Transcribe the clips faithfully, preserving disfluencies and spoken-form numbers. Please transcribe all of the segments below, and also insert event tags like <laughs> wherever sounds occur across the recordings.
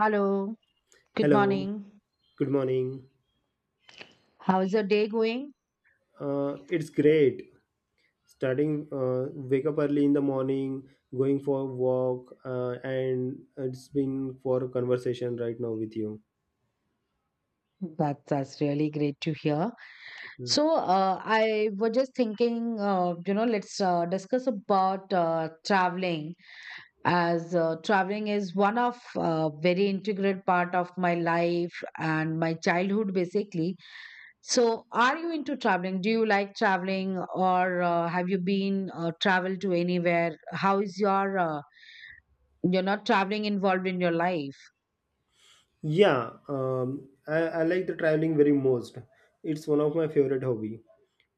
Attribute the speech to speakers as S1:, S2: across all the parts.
S1: Hello, good
S2: Hello,
S1: morning.
S2: good morning.
S1: How's your day going?
S2: Uh, it's great starting uh, wake up early in the morning, going for a walk, uh, and it's been for a conversation right now with you.
S1: That, that's really great to hear.
S2: Mm.
S1: So, uh, I was just thinking, uh, you know, let's uh, discuss about uh, traveling, as uh, traveling is one of uh, very integral part of my life and my childhood, basically. So, are you into traveling? Do you like traveling, or uh, have you been uh, traveled to anywhere? How is your, uh, you're not traveling involved in your life?
S2: Yeah, um, I, I like the traveling very most. It's one of my favorite hobby.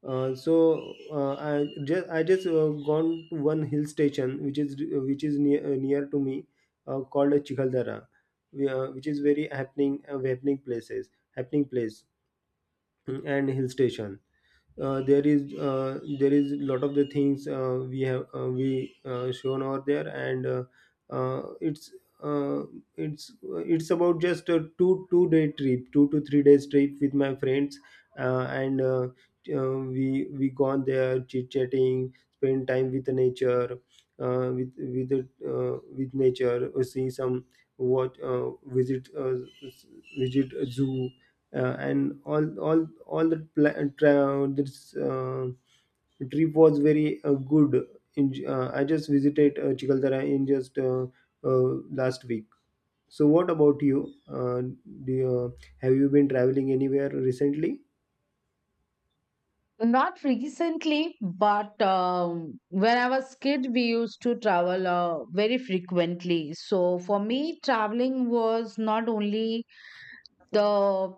S2: Uh, so uh, I just I just uh, gone to one hill station which is which is near uh, near to me uh, called Chikaldara, we, uh, which is very happening uh, happening places happening place and hill station uh, there is uh, there is lot of the things uh, we have uh, we uh, shown over there and uh, uh, it's uh, it's it's about just a two two day trip two to three days trip with my friends. Uh, and uh, uh, we we gone there chit chatting, spend time with the nature, uh, with with the, uh, with nature, uh, see some what uh, visit uh, visit a zoo, uh, and all all all the pla- tra- this uh, trip was very uh, good. In, uh, I just visited uh, Chikaldara in just uh, uh, last week. So, what about you? Uh, do you have you been traveling anywhere recently?
S1: Not recently, but um, when I was kid, we used to travel uh, very frequently. So for me, traveling was not only the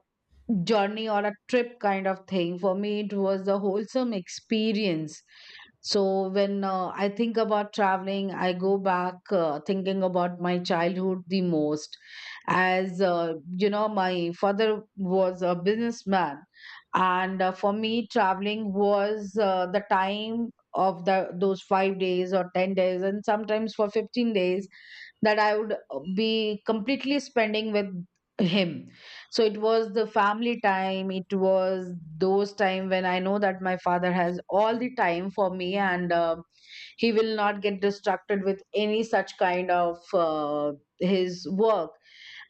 S1: journey or a trip kind of thing. For me, it was the wholesome experience. So when uh, I think about traveling, I go back uh, thinking about my childhood the most. As uh, you know, my father was a businessman, and uh, for me, traveling was uh, the time of the those five days or ten days, and sometimes for fifteen days that I would uh, be completely spending with him. So it was the family time. It was those time when I know that my father has all the time for me, and uh, he will not get distracted with any such kind of uh, his work.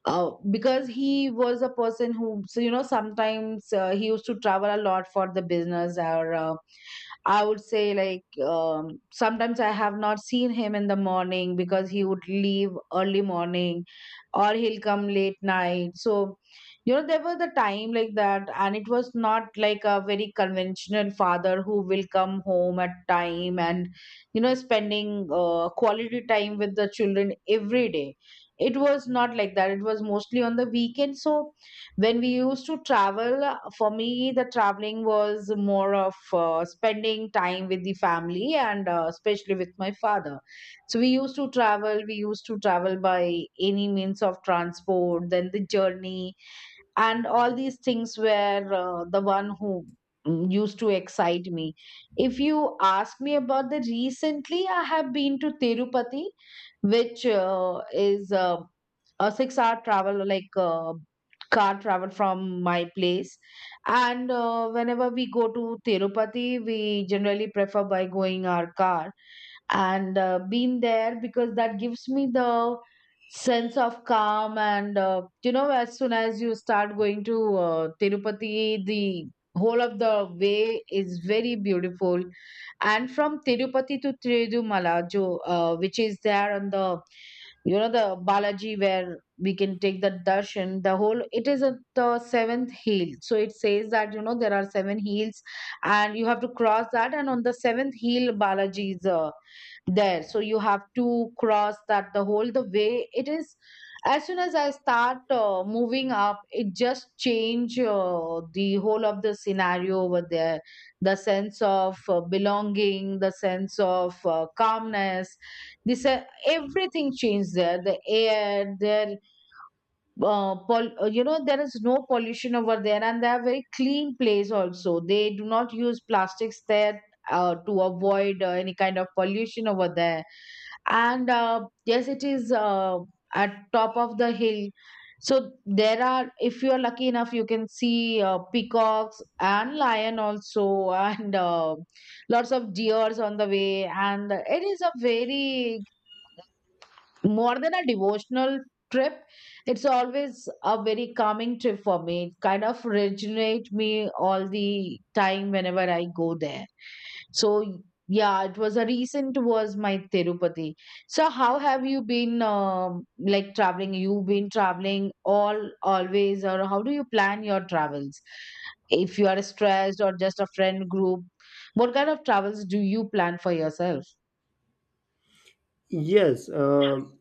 S1: Uh, because he was a person who, so you know, sometimes uh, he used to travel a lot for the business or uh, I would say like um, sometimes I have not seen him in the morning because he would leave early morning or he'll come late night. So, you know, there was a time like that, and it was not like a very conventional father who will come home at time and, you know, spending uh, quality time with the children every day. It was not like that. It was mostly on the weekend. So, when we used to travel, uh, for me, the traveling was more of uh, spending time with the family and uh, especially with my father. So we used to travel, we used to travel by any means of transport, then the journey and all these things were uh, the one who mm, used to excite me. If you ask me about the recently, I have been to Tirupati, which uh, is uh, a six hour travel, like uh, car travel from my place. And uh, whenever we go to Tirupati, we generally prefer by going our car and uh, been there, because that gives me the sense of calm. And uh, you know, as soon as you start going to uh, Tirupati, the whole of the way is very beautiful. And from Tirupati to Tirudimala jo, uh, which is there on the, you know, the Balaji, where we can take the darshan, the whole it is a, the seventh heel. So it says that, you know, there are seven heels and you have to cross that, and on the seventh heel Balaji is uh, there, so you have to cross that. The whole the way it is, as soon as I start uh, moving up, it just change uh, the whole of the scenario over there. The sense of uh, belonging, the sense of uh, calmness, this uh, everything changed there, the air their uh, pol- uh, you know, there is no pollution over there, and they are very clean place also. They do not use plastics there uh, to avoid uh, any kind of pollution over there. And uh, yes, it is uh, at top of the hill. So there are, if you are lucky enough, you can see uh, peacocks and lion also <laughs> and uh, lots of deers on the way, and it is a very more than a devotional trip. It's always a very calming trip for me. It kind of regenerate me all the time whenever I go there. So yeah, it was a recent was my Tirupati. So how have you been, um, like traveling? You've been traveling all always, or how do you plan your travels if you are stressed or just a friend group? What kind of travels do you plan for yourself?
S2: Yes, um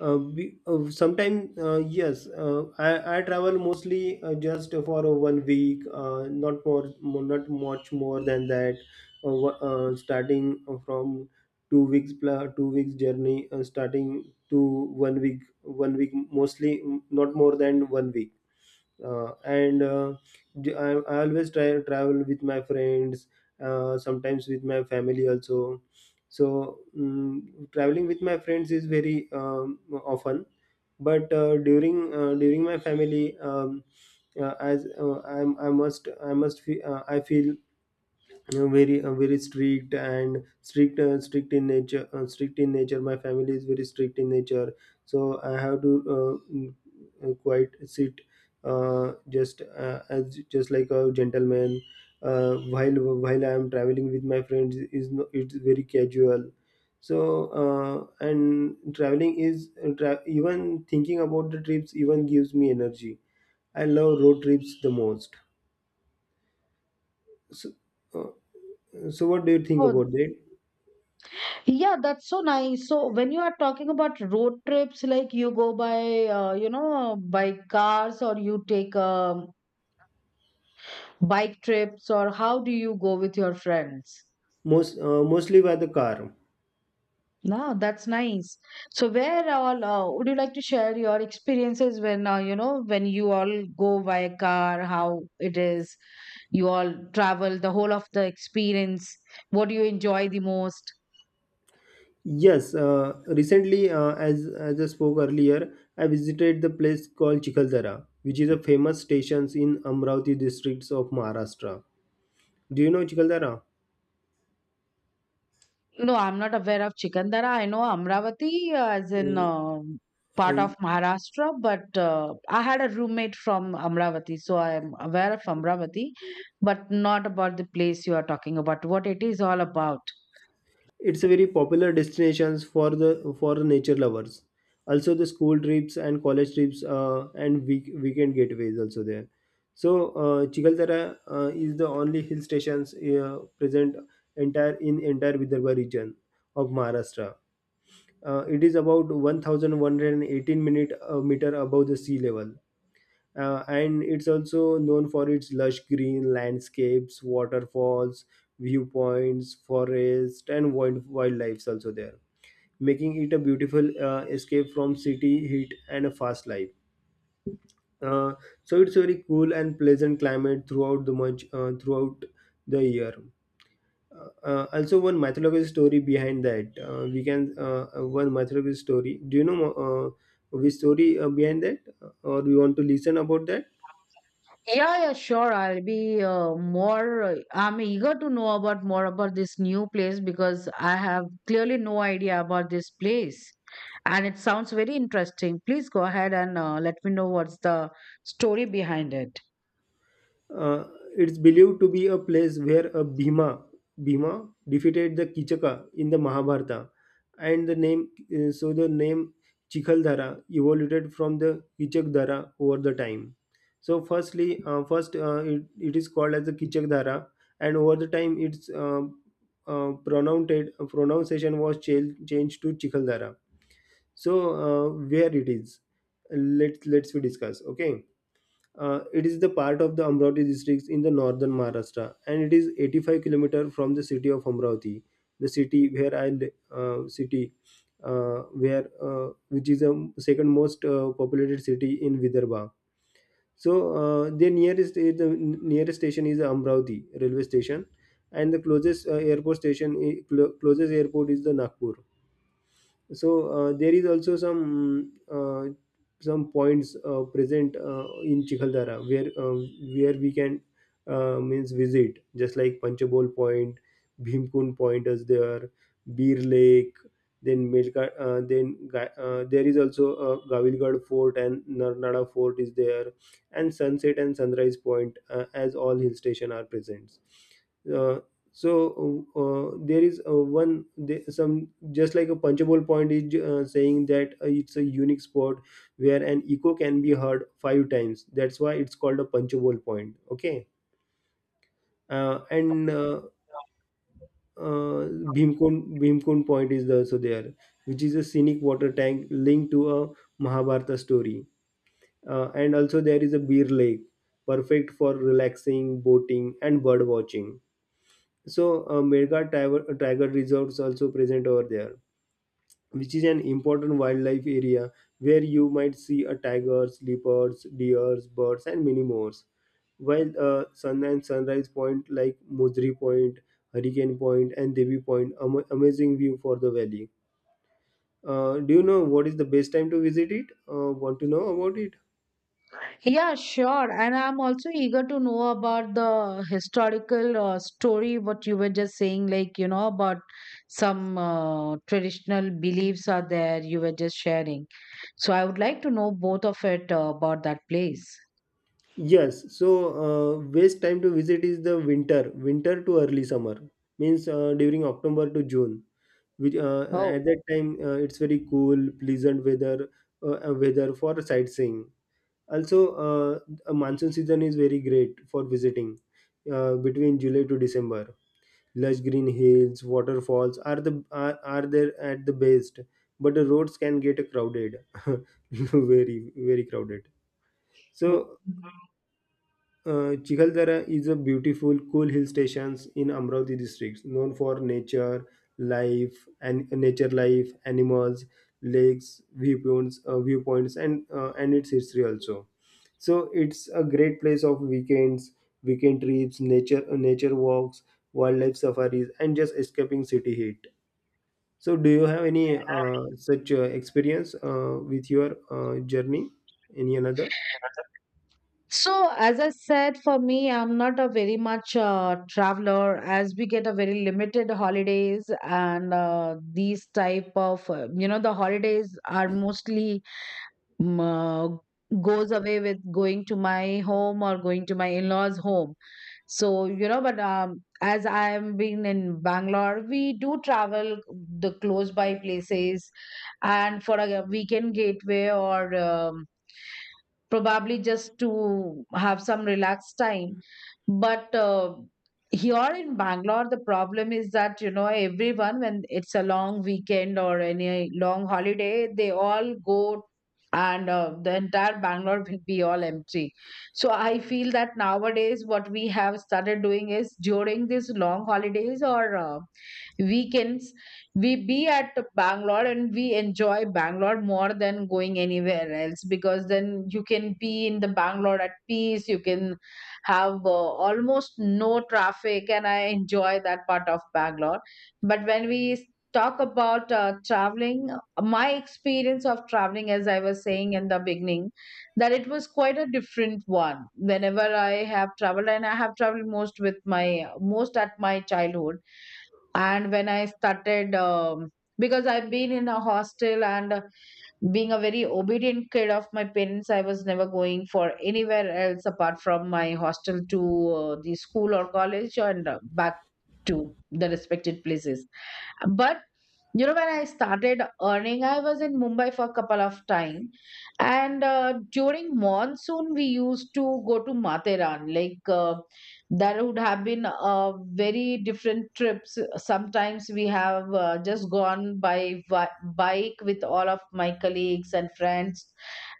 S2: uh, we, uh, sometimes uh, yes uh, I, I travel mostly uh, just for uh, one week uh, not more mo- not much more than that. Uh, wha- uh, starting uh, from two weeks pla- two weeks journey, uh, starting to one week one week mostly, mm, not more than one week. Uh, and uh, d- I, I always try travel with my friends, uh, sometimes with my family also. so mm Traveling with my friends is very um, often, but uh, during uh, during my family, um, uh, as uh, I'm, I must I must fe- uh, I feel uh, very uh, very strict and strict uh, strict in nature uh, strict in nature. My family is very strict in nature, so I have to uh, mm, uh, quite sit uh, just uh, as just like a gentleman uh, while while I am traveling with my friends is no, it's very casual. So uh, and traveling is uh, tra- even thinking about the trips even gives me energy. I love road trips the most. so, uh, so what do you think
S1: Oh,
S2: about that?
S1: yeah, that's so nice. So when you are talking about road trips, like you go by, uh, you know, by cars, or you take um, bike trips, or how do you go with your friends?
S2: Most uh, mostly by the car.
S1: No, that's nice. So where all uh, would you like to share your experiences when uh, you know, when you all go by car, how it is, you all travel, the whole of the experience, what do you enjoy the most?
S2: Yes, uh, recently, uh, as as I spoke earlier, I visited the place called Chikaldara, which is a famous stations in Amravati districts of Maharashtra. Do you know Chikaldara?
S1: No, I'm not aware of Chikandara. I know Amravati uh, as in um part of
S2: Uh,
S1: Maharashtra, but uh, I had a roommate from Amravati, so I am aware of Amravati, but not about the place you are talking about, what it is all about.
S2: It's a very popular destinations for the for the nature lovers. Also, the school trips and college trips uh, and week, weekend getaways also there. So, uh, Chikaldara uh, is the only hill stations uh, present entire in entire Vidarbha region of Maharashtra. Uh, it is about one thousand one hundred eighteen minute uh, meter above the sea level, uh, and it's also known for its lush green landscapes, waterfalls, viewpoints, forest, and wild wildlife's also there, making it a beautiful uh, escape from city heat and a fast life. Uh, so it's very cool and pleasant climate throughout the much uh, throughout the year. Uh, uh, also, one mythological story behind that. Uh, we can uh, uh, One mythological story. Do you know uh, which story uh, behind that, or you want to listen about that?
S1: Yeah, yeah, sure. I'll be uh, more. Uh, I'm eager to know about more about this new place because I have clearly no idea about this place, and it sounds very interesting. Please go ahead and uh, let me know what's the story behind it.
S2: Uh, it's believed to be a place where a Bhima, Bhima defeated the Kichaka in the Mahabharata, and the name, uh, so the name Chikhaldhara evolved from the Kichakdhara over the time. So, firstly, uh, first uh, it, it is called as the Kichakdhara, and over the time its uh, uh, pronounced pronunciation was changed changed to Chikhaldhara. So, uh, where it is, let let's we discuss. Okay, uh, it is the part of the Amravati district in the northern Maharashtra, and it is eighty-five kilometer from the city of Amravati, the city where I li- uh, city uh, where uh, which is the second most uh, populated city in Vidarbha. So uh, the nearest is the nearest station is Amravati railway station, and the closest uh, airport station I- clo- closest airport is the Nagpur. So uh, there is also some uh, some points uh, present uh, in Chikaldara where uh, where we can uh, means visit, just like Panchabol Point, Bhimkund Point is there, Beer Lake, then Melka, uh, then Ga- uh, there is also uh, Gavilgad Fort and Narnada Fort is there, and Sunset and Sunrise Point, uh, as all hill station are present. Uh, so uh, uh, there is uh, One the- some just like a punchable point is uh, saying that uh, it's a unique spot where an echo can be heard five times. That's why it's called a punchable point. Okay, uh, and uh, uh, Bhimkun Bhimkun point is also there, which is a scenic water tank linked to a Mahabharata story, uh, and also there is a beer lake perfect for relaxing, boating, and bird watching. So, uh, Mirghat tiger, tiger reserves also present over there, which is an important wildlife area where you might see a tigers, leopards, deers, birds, and many more. While uh, sun and sunrise point like Mozri Point, Hurricane Point, and Devi Point, am- amazing view for the valley. Uh, do you know what is the best time to visit it? Uh, want to know about it?
S1: Yeah, sure. And I'm also eager to know about the historical uh, story, what you were just saying, like, you know, about some uh, traditional beliefs are there you were just sharing. So I would like to know both of it uh, about that place.
S2: Yes, so uh, best time to visit is the winter, winter to early summer, means uh, during October to June, which uh,
S1: Oh.
S2: at that time uh, it's very cool pleasant weather, uh, uh, weather for sightseeing also. uh, a monsoon season is very great for visiting, uh, between July to December. Lush green hills, waterfalls are the are, are there at the best, but the roads can get crowded. <laughs> Very very crowded. So uh, Chikaldara is a beautiful, cool hill stations in Amravati district, known for nature, life, and nature life, animals, lakes, viewpoints, uh, viewpoints, and uh, and its history also. So it's a great place of weekends, weekend trips, nature, uh, nature walks, wildlife safaris, and just escaping city heat. So, do you have any uh, such uh, experience uh, with your uh, journey? Any another?
S1: So, as I said, for me, I'm not a very much uh, traveler, as we get a very limited holidays, and uh, these type of, uh, you know, the holidays are mostly m- uh, goes away with going to my home or going to my in-laws home. So, you know, but um, as I am being in Bangalore, we do travel the close by places and for a weekend getaway, or um, probably just to have some relaxed time. But uh, here in Bangalore, the problem is that, you know, everyone, when it's a long weekend or any long holiday, they all go, and uh, the entire Bangalore will be all empty. So I feel that nowadays what we have started doing is during these long holidays or uh, weekends, we be at Bangalore, and we enjoy Bangalore more than going anywhere else, because then you can be in the Bangalore at peace. You can have uh, almost no traffic, and I enjoy that part of Bangalore. But when we talk about uh, traveling, my experience of traveling, as I was saying in the beginning, that it was quite a different one whenever I have traveled, and I have traveled most with my most at my childhood. And when I started, um, because I've been in a hostel, and uh, being a very obedient kid of my parents, I was never going for anywhere else apart from my hostel to uh, the school or college, and uh, back to the respected places. But you know, when I started earning, I was in Mumbai for a couple of time, and uh, during monsoon, we used to go to Matheran. Like uh, that would have been a very different trips. Sometimes we have uh, just gone by vi- bike with all of my colleagues and friends,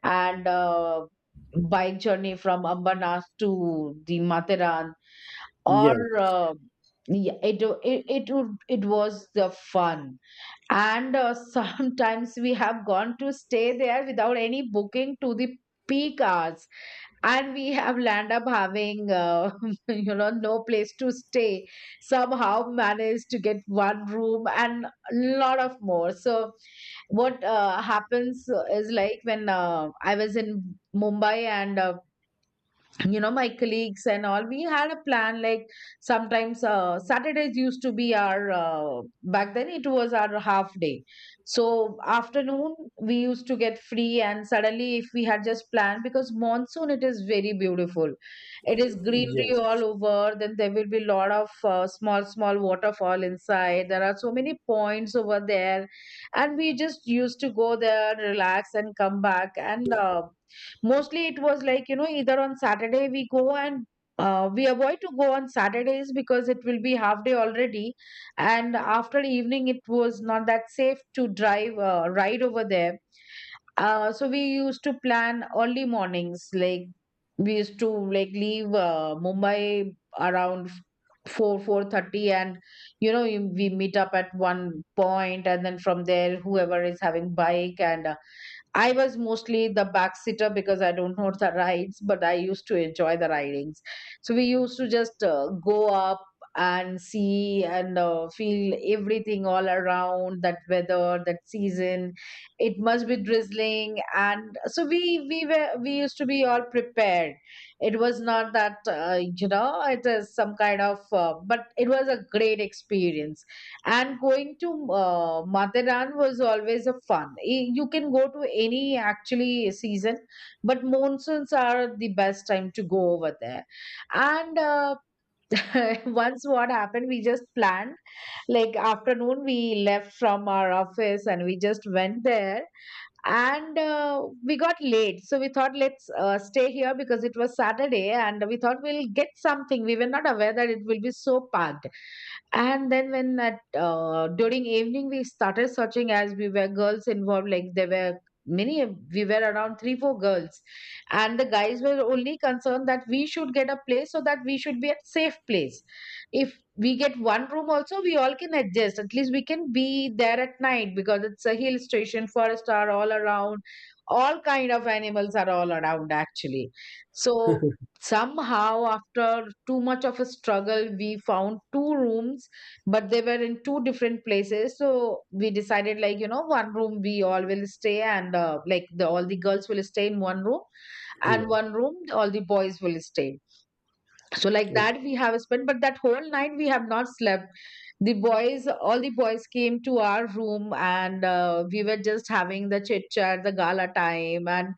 S1: and uh, bike journey from Ambernath to the Matheran, or
S2: Yes,
S1: uh, yeah, it, it it would- it was the fun. And uh, <laughs> sometimes we have gone to stay there without any booking to the peak hours, and we have land up having uh, <laughs> you know, no place to stay. Somehow managed to get one room and a lot of more. So what uh, happens is, like, when uh, I was in Mumbai, and uh, you know, my colleagues and all, we had a plan like sometimes uh, saturdays used to be our uh, back then it was our half day. So afternoon we used to get free, and suddenly if we had just planned, because monsoon it is very beautiful. It is greenery
S2: yes.
S1: all over, then there will be lot of uh, small small waterfall inside. There are so many points over there, and we just used to go there, relax, and come back. And uh, mostly it was like, you know, either on saturday we go, and uh, we avoid to go on saturdays because it will be half day already, and after evening it was not that safe to drive uh, ride over there. Uh, so we used to plan early mornings, like we used to like leave uh, mumbai around four four thirty. And you know, you- we meet up at one point, and then from there whoever is having bike, and uh, I was mostly the backseater because I don't know the rides, but I used to enjoy the ridings. So we used to just uh, go up and see and uh, feel everything all around that weather, that season. It must be drizzling, and so we we were we used to be all prepared. It was not that uh, you know it is some kind of, uh, but it was a great experience and going to uh, Mathiran was always a fun. Y- You can go to any actually season, but monsoons are the best time to go over there. And uh, <laughs> once what happened, we just planned like afternoon we left from our office and we just went there, and uh, we got late, so we thought let's uh, stay here because it was Saturday and we thought we'll get something. We were not aware that it will be so packed, and then when at, uh, during evening we started searching. As we were girls involved, like there were many, we were around three four girls, and the guys were only concerned that we should get a place so that we should be at safe place. If we get one room also, we all can adjust, at least we can be there at night because it's a hill station, forests are all around, all kind of animals are all around actually. So,
S2: <laughs>
S1: somehow after too much of a struggle we found two rooms, but they were in two different places, so we decided, like you know, one room we all will stay, and uh, like the all the girls will stay in one room and
S2: Yeah.
S1: one room all the boys will stay. So like that we have spent, but that whole night we have not slept. The boys all the boys came to our room, and uh, we were just having the chit chat, the gala time, and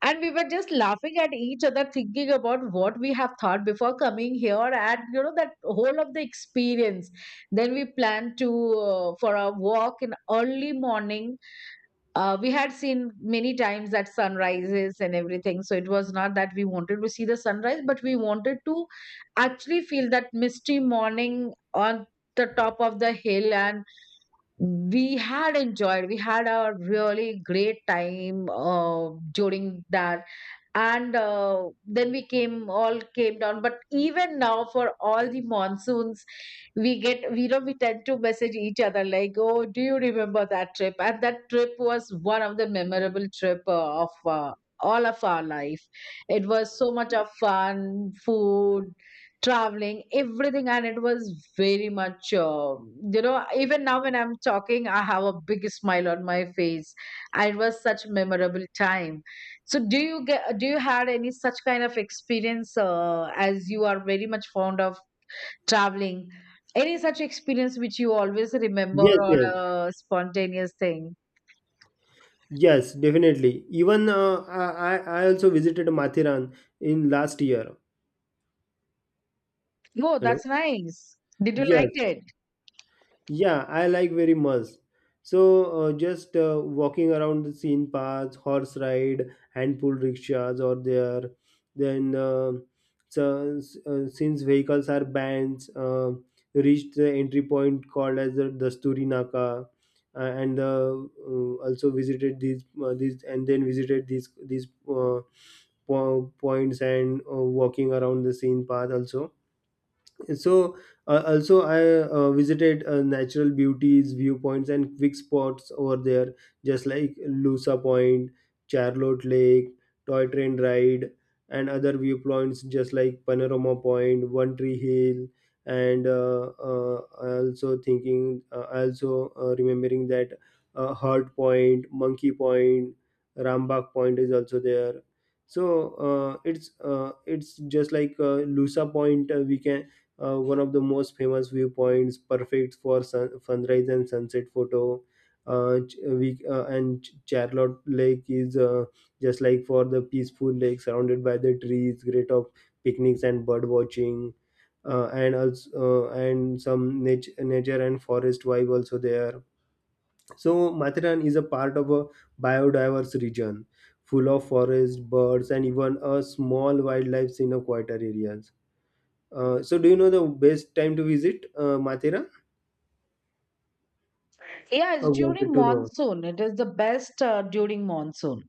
S1: and we were just laughing at each other thinking about what we have thought before coming here, and you know that whole of the experience. Then we planned to uh, for a walk in early morning. Uh, we had seen many times that sunrises and everything, so it was not that we wanted to see the sunrise but we wanted to actually feel that misty morning on the top of the hill. And we had enjoyed we had a really great time uh, during that. And uh, then we came all came down, but even now, for all the monsoons, we get we know we tend to message each other like, oh, do you remember that trip? And that trip was one of the memorable trip uh, of uh, all of our life. It was so much of fun, food, traveling, everything, and it was very much, uh, you know even now when I'm talking I have a big smile on my face. And it was such memorable time. So do you get do you had any such kind of experience, uh, as you are very much fond of traveling? Any such experience which you always remember,
S2: Yes,
S1: or
S2: yes,
S1: a spontaneous thing?
S2: yes, definitely. Even uh, I, I I also visited Mathiran in last year.
S1: Oh,
S2: Hello.
S1: that's nice. Did you like
S2: Yes,
S1: it?
S2: yeah, I like very much. So uh, just uh, walking around the scene paths, horse ride, and pull rickshaws are there. Then, uh, so, uh, since vehicles are banned, uh, reached the entry point called as the Dasturi Naka, uh, and uh, uh, also visited these uh, these, and then visited these these uh, po- points, and uh, walking around the scene path also. So uh, also I uh, visited uh, natural beauties, viewpoints, and quick spots over there, just like Lusa Point, Charlotte Lake, toy train ride, and other viewpoints, just like Panorama Point, One Tree Hill, and uh, uh, I also thinking uh, I also uh, remembering that uh, Heart Point, Monkey Point, Rambagh Point is also there. So uh, it's uh, it's just like uh, Lusa Point, uh, we can uh, one of the most famous viewpoints, perfect for sun- sunrise and sunset photo. Uh, ch- uh, we uh, and Ch- Charlotte Lake is uh, just like for the peaceful lake surrounded by the trees, great of picnics and bird watching, uh, and also uh, and some nature, nature and forest vibe also there. So Matharan is a part of a biodiverse region, full of forest, birds, and even a small wildlife in a quieter areas. Uh, so, do you know the best time to visit uh, Mathura?
S1: Yeah,
S2: I
S1: it's during
S2: wanted to know.
S1: monsoon, it is the best, uh, during monsoon.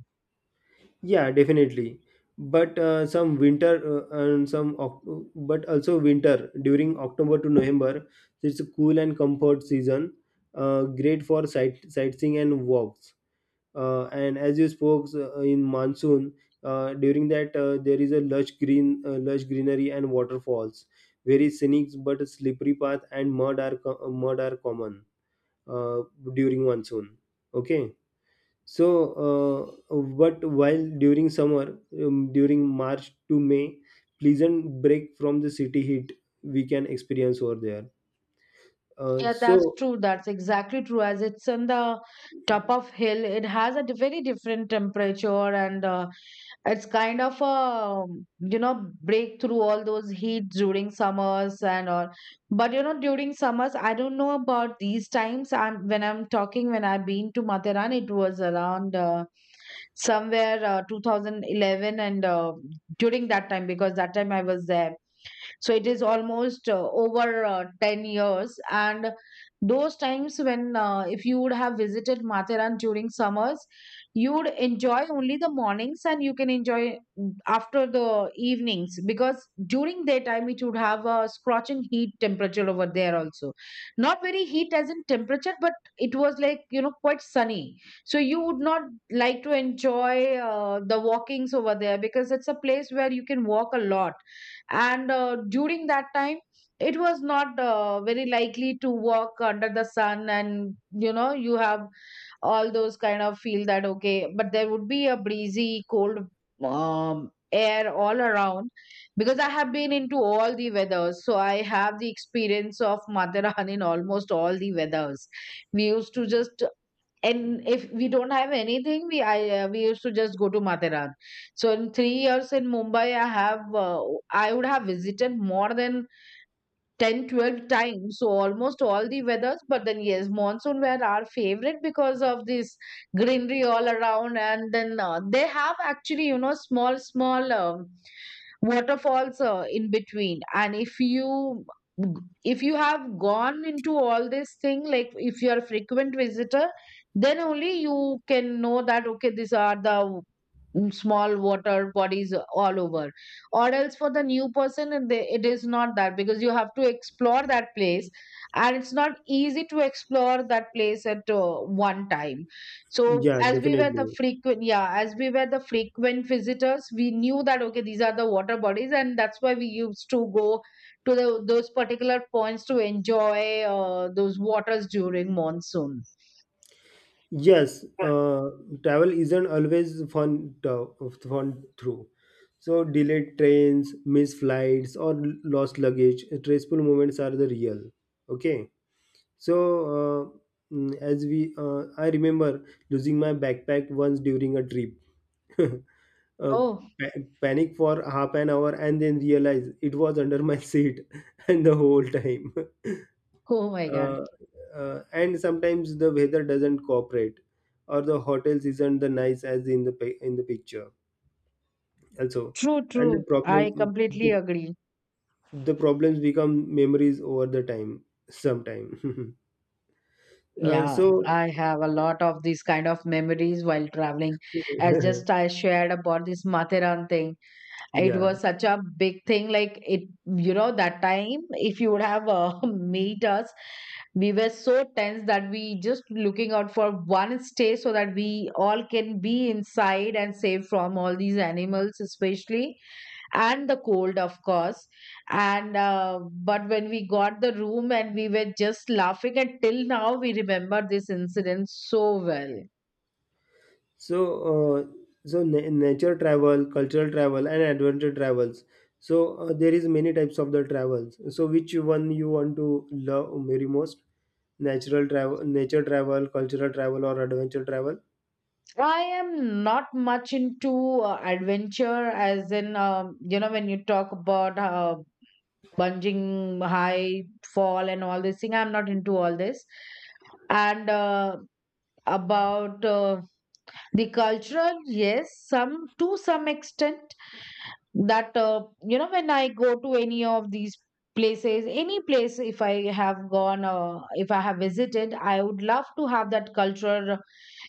S2: Yeah, definitely. But uh, some winter uh, and some, Oc- but also winter during October to November. It's a cool and comfort season. Uh, great for sight sightseeing and walks. Uh, and as you spoke uh, in monsoon, uh, during that uh, there is a lush green, uh, lush greenery and waterfalls. Very scenic, but slippery path and mud are co- mud are common uh, during monsoon. Okay, so uh, but while during summer, um, during March to May, pleasant break from the city heat we can experience over there. uh,
S1: Yeah, that's
S2: so
S1: true. That's exactly true. As it's on the top of hill, it has a very different temperature, and uh, it's kind of a, um, you know break through all those heat during summers and all. But you know, during summers, I don't know about these times. I'm when I'm talking, when I've been to Matharan, it was around uh, somewhere uh, twenty eleven, and uh, during that time, because that time I was there, so it is almost uh, over uh, ten years. And those times, when uh, if you would have visited Matharan during summers, you would enjoy only the mornings and you can enjoy, mm, after the evenings, because during daytime it would have a scorching heat temperature over there also. Not very heat as in temperature, but it was, like, you know quite sunny. So you would not like to enjoy uh, the walkings over there because it's a place where you can walk a lot, and uh, during that time it was not uh, very likely to walk under the sun. And you know you have all those kind of feel that okay, but there would be a breezy cold um, air all around. Because I have been into all the weathers, so I have the experience of mother in almost all the weathers. We used to just, and if we don't have anything, we i uh, we used to just go to Matheran. So in three years in Mumbai, i have uh, i would have visited more than ten, twelve times, so almost all the weathers. But then yes, monsoon were our favorite because of this greenery all around. And then uh, they have actually, you know small small um waterfalls uh, in between. And if you if you have gone into all this thing, like if you are a frequent visitor, then only you can know that okay, these are the, mm, small water bodies all over. Or else for the new person, and they- it is not that, because you have to explore that place, and it's not easy to explore that place at uh, one time. So
S2: yeah
S1: as we were the
S2: definitely.
S1: frequent, yeah, as we were the frequent visitors, we knew that okay, these are the water bodies, and that's why we used to go to the, those particular points to enjoy uh, those waters during monsoon.
S2: Yes, uh, travel isn't always fun to, fun through, so delayed trains, missed flights, or lost luggage, stressful moments are the real. Okay, so uh, mm, as we, uh, I remember losing my backpack once during a trip. <laughs> uh,
S1: Oh,
S2: pa- Panic for half an hour, and then realize it was under my <laughs> seat and the whole time. <laughs>
S1: oh my God!
S2: Uh, uh, and sometimes the weather doesn't cooperate, or the hotels isn't the nice as in the pi- in the picture. Also,
S1: True,
S2: and the
S1: true. I
S2: problem
S1: completely
S2: the,
S1: agree.
S2: the, problems become memories over the time sometime. <laughs> uh,
S1: Yeah,
S2: so,
S1: I have a lot of these kind of memories while traveling. As just
S2: <laughs>
S1: I shared about this Matheran thing. It was
S2: yeah.
S1: such a big thing. Like it, you know, that time, if you would have uh, <laughs> meet us, we were so tense that we just looking out for one stay so that we all can be inside and safe from all these animals, especially, and the cold, of course. And uh, but when we got the room, and we were just laughing, and till now we remember this incident so well.
S2: So uh, so na- nature travel, cultural travel, and adventure travels. So uh, there is many types of the travels. So which one you want to love very most? Natural travel, nature travel, cultural travel, or adventure travel?
S1: I am not much into uh, adventure, as in, um, you know, when you talk about uh, bungee, high fall, and all this thing, I'm not into all this. And uh, about uh, the cultural, yes, some to some extent. That, uh, you know, when I go to any of these places, any place, if I have gone, uh, if I have visited, I would love to have that cultural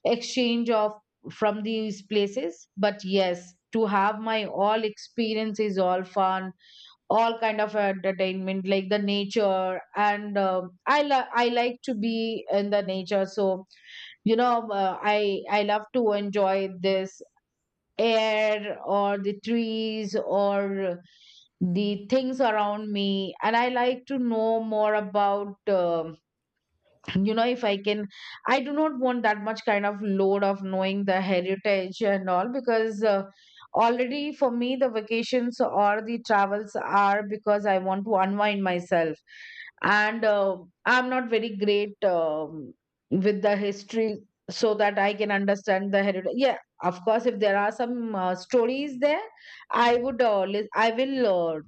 S1: exchange of from these places. But yes, to have my all experiences, all fun, all kind of entertainment, like the nature, and um i li- i like to be in the nature. So you know um, uh, i i love to enjoy this air, or the trees, or the things around me. And I like to know more about, um, <laughs> you know if I can, I do not want that much kind of load of knowing the heritage and all, because uh, already for me, the vacations or the travels are because I want to unwind myself. And uh, I'm not very great um, with the history, so that I can understand the heritage, yeah. Of course, if there are some uh, stories there, i would uh, lis- i will uh,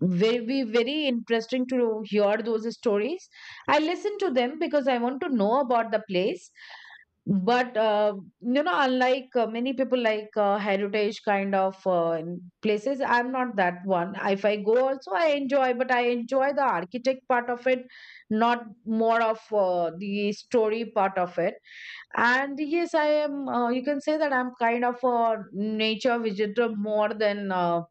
S1: will be very interesting to hear those stories. I listen to them because I want to know about the place. But uh, you know, unlike uh, many people like uh, heritage kind of uh, places, I'm not that one. If I go, also I enjoy, but I enjoy the architect part of it, not more of uh, the story part of it. And yes, I am. Uh, you can say that I'm kind of a nature visitor more than, uh,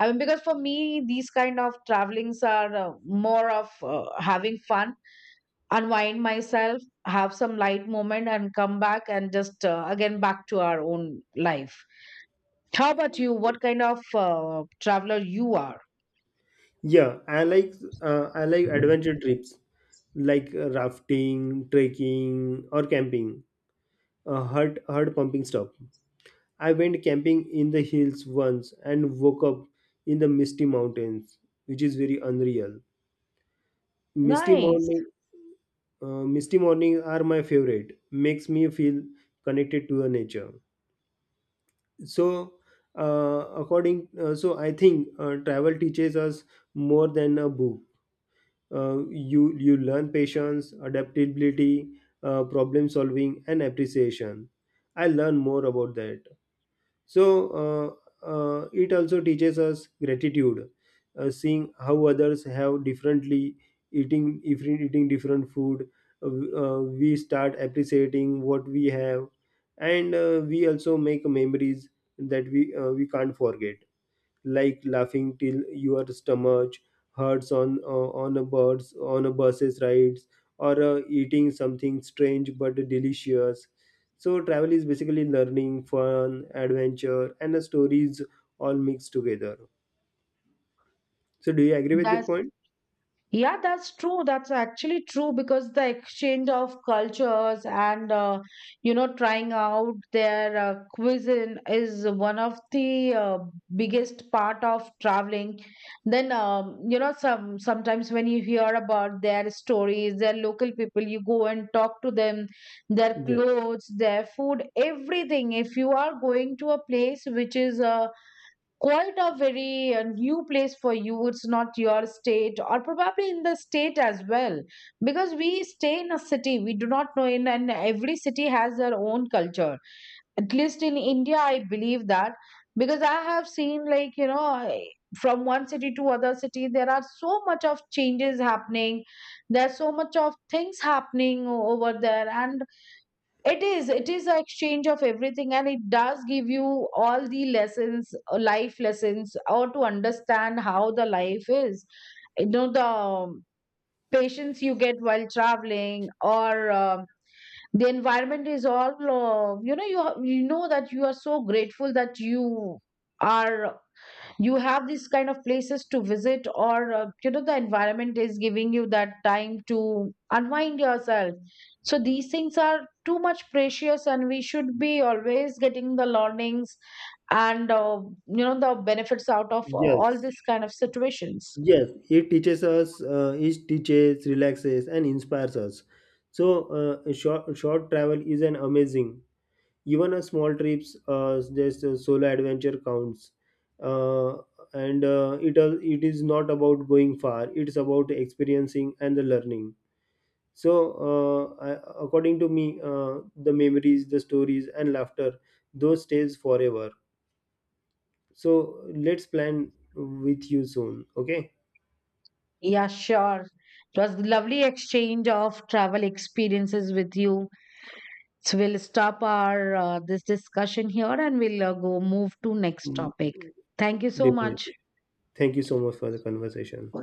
S1: I mean, because for me, these kind of travelings are uh, more of uh, having fun, unwind myself, have some light moment, and come back, and just uh, again back to our own life. How about you? What kind of uh, traveler you are?
S2: Yeah, I like uh, I like adventure trips, like uh, rafting, trekking, or camping, uh, hard hard pumping stuff. I went camping in the hills once and woke up in the misty mountains, which is very unreal. Misty
S1: Nice.
S2: morning, uh, Misty morning are my favorite. Makes me feel connected to the nature. So, uh, according, uh, so I think uh, travel teaches us more than a book. Uh, you you learn patience, adaptability, uh, problem solving, and appreciation. I learn more about that. So uh, uh, it also teaches us gratitude, uh, seeing how others have differently, eating if eating different food. Uh, uh, we start appreciating what we have, and uh, we also make memories that we uh, we can't forget, like laughing till your stomach hurts on uh, on a birds on a buses rides, or uh, eating something strange but delicious. So travel is basically learning, fun, adventure, and uh, stories all mixed together. So do you agree with that
S1: That's
S2: point?
S1: Yeah, that's true. That's actually true because the exchange of cultures and, uh, you know trying out their uh, cuisine is one of the uh, biggest part of traveling. Then, um, you know some sometimes when you hear about their stories, their local people, you go and talk to them, their
S2: Yes.
S1: clothes, their food, everything. If you are going to a place which is uh, quite a very uh, new place for you, it's not your state or probably in the state as well. Because we stay in a city, we do not know in, and every city has their own culture, at least in India I believe that. Because I have seen, like you know I- from one city to other city there are so much of changes happening, there's so much of things happening o- over there. And it is. It is an exchange of everything, and it does give you all the lessons, uh, life lessons, or to understand how the life is. You know, the um, patience you get while traveling, or um the environment is all. Uh, you know, you ha- you know that you are so grateful that you are you have these kind of places to visit, or uh, you know the environment is giving you that time to unwind yourself. So these things are too much precious, and we should be always getting the learnings, and uh, you know the benefits out of all
S2: Yes.
S1: this kind of situations.
S2: Yes. It teaches us. Uh, it teaches, relaxes, and inspires us. So uh, short short travel is an amazing. Even a small trips, uh, just a solo adventure counts. uh, and uh, it al- it is not about going far. It's about experiencing and the learning. So uh, I, according to me, uh, the memories, the stories, and laughter, those stays forever. So let's plan with you soon. Okay.
S1: Yeah, sure, it was lovely exchange of travel experiences with you. So we'll stop our uh, this discussion here, and we'll uh, go move to next
S2: Mm,
S1: topic. Thank you so much.
S2: Definitely. Thank you so much for the conversation.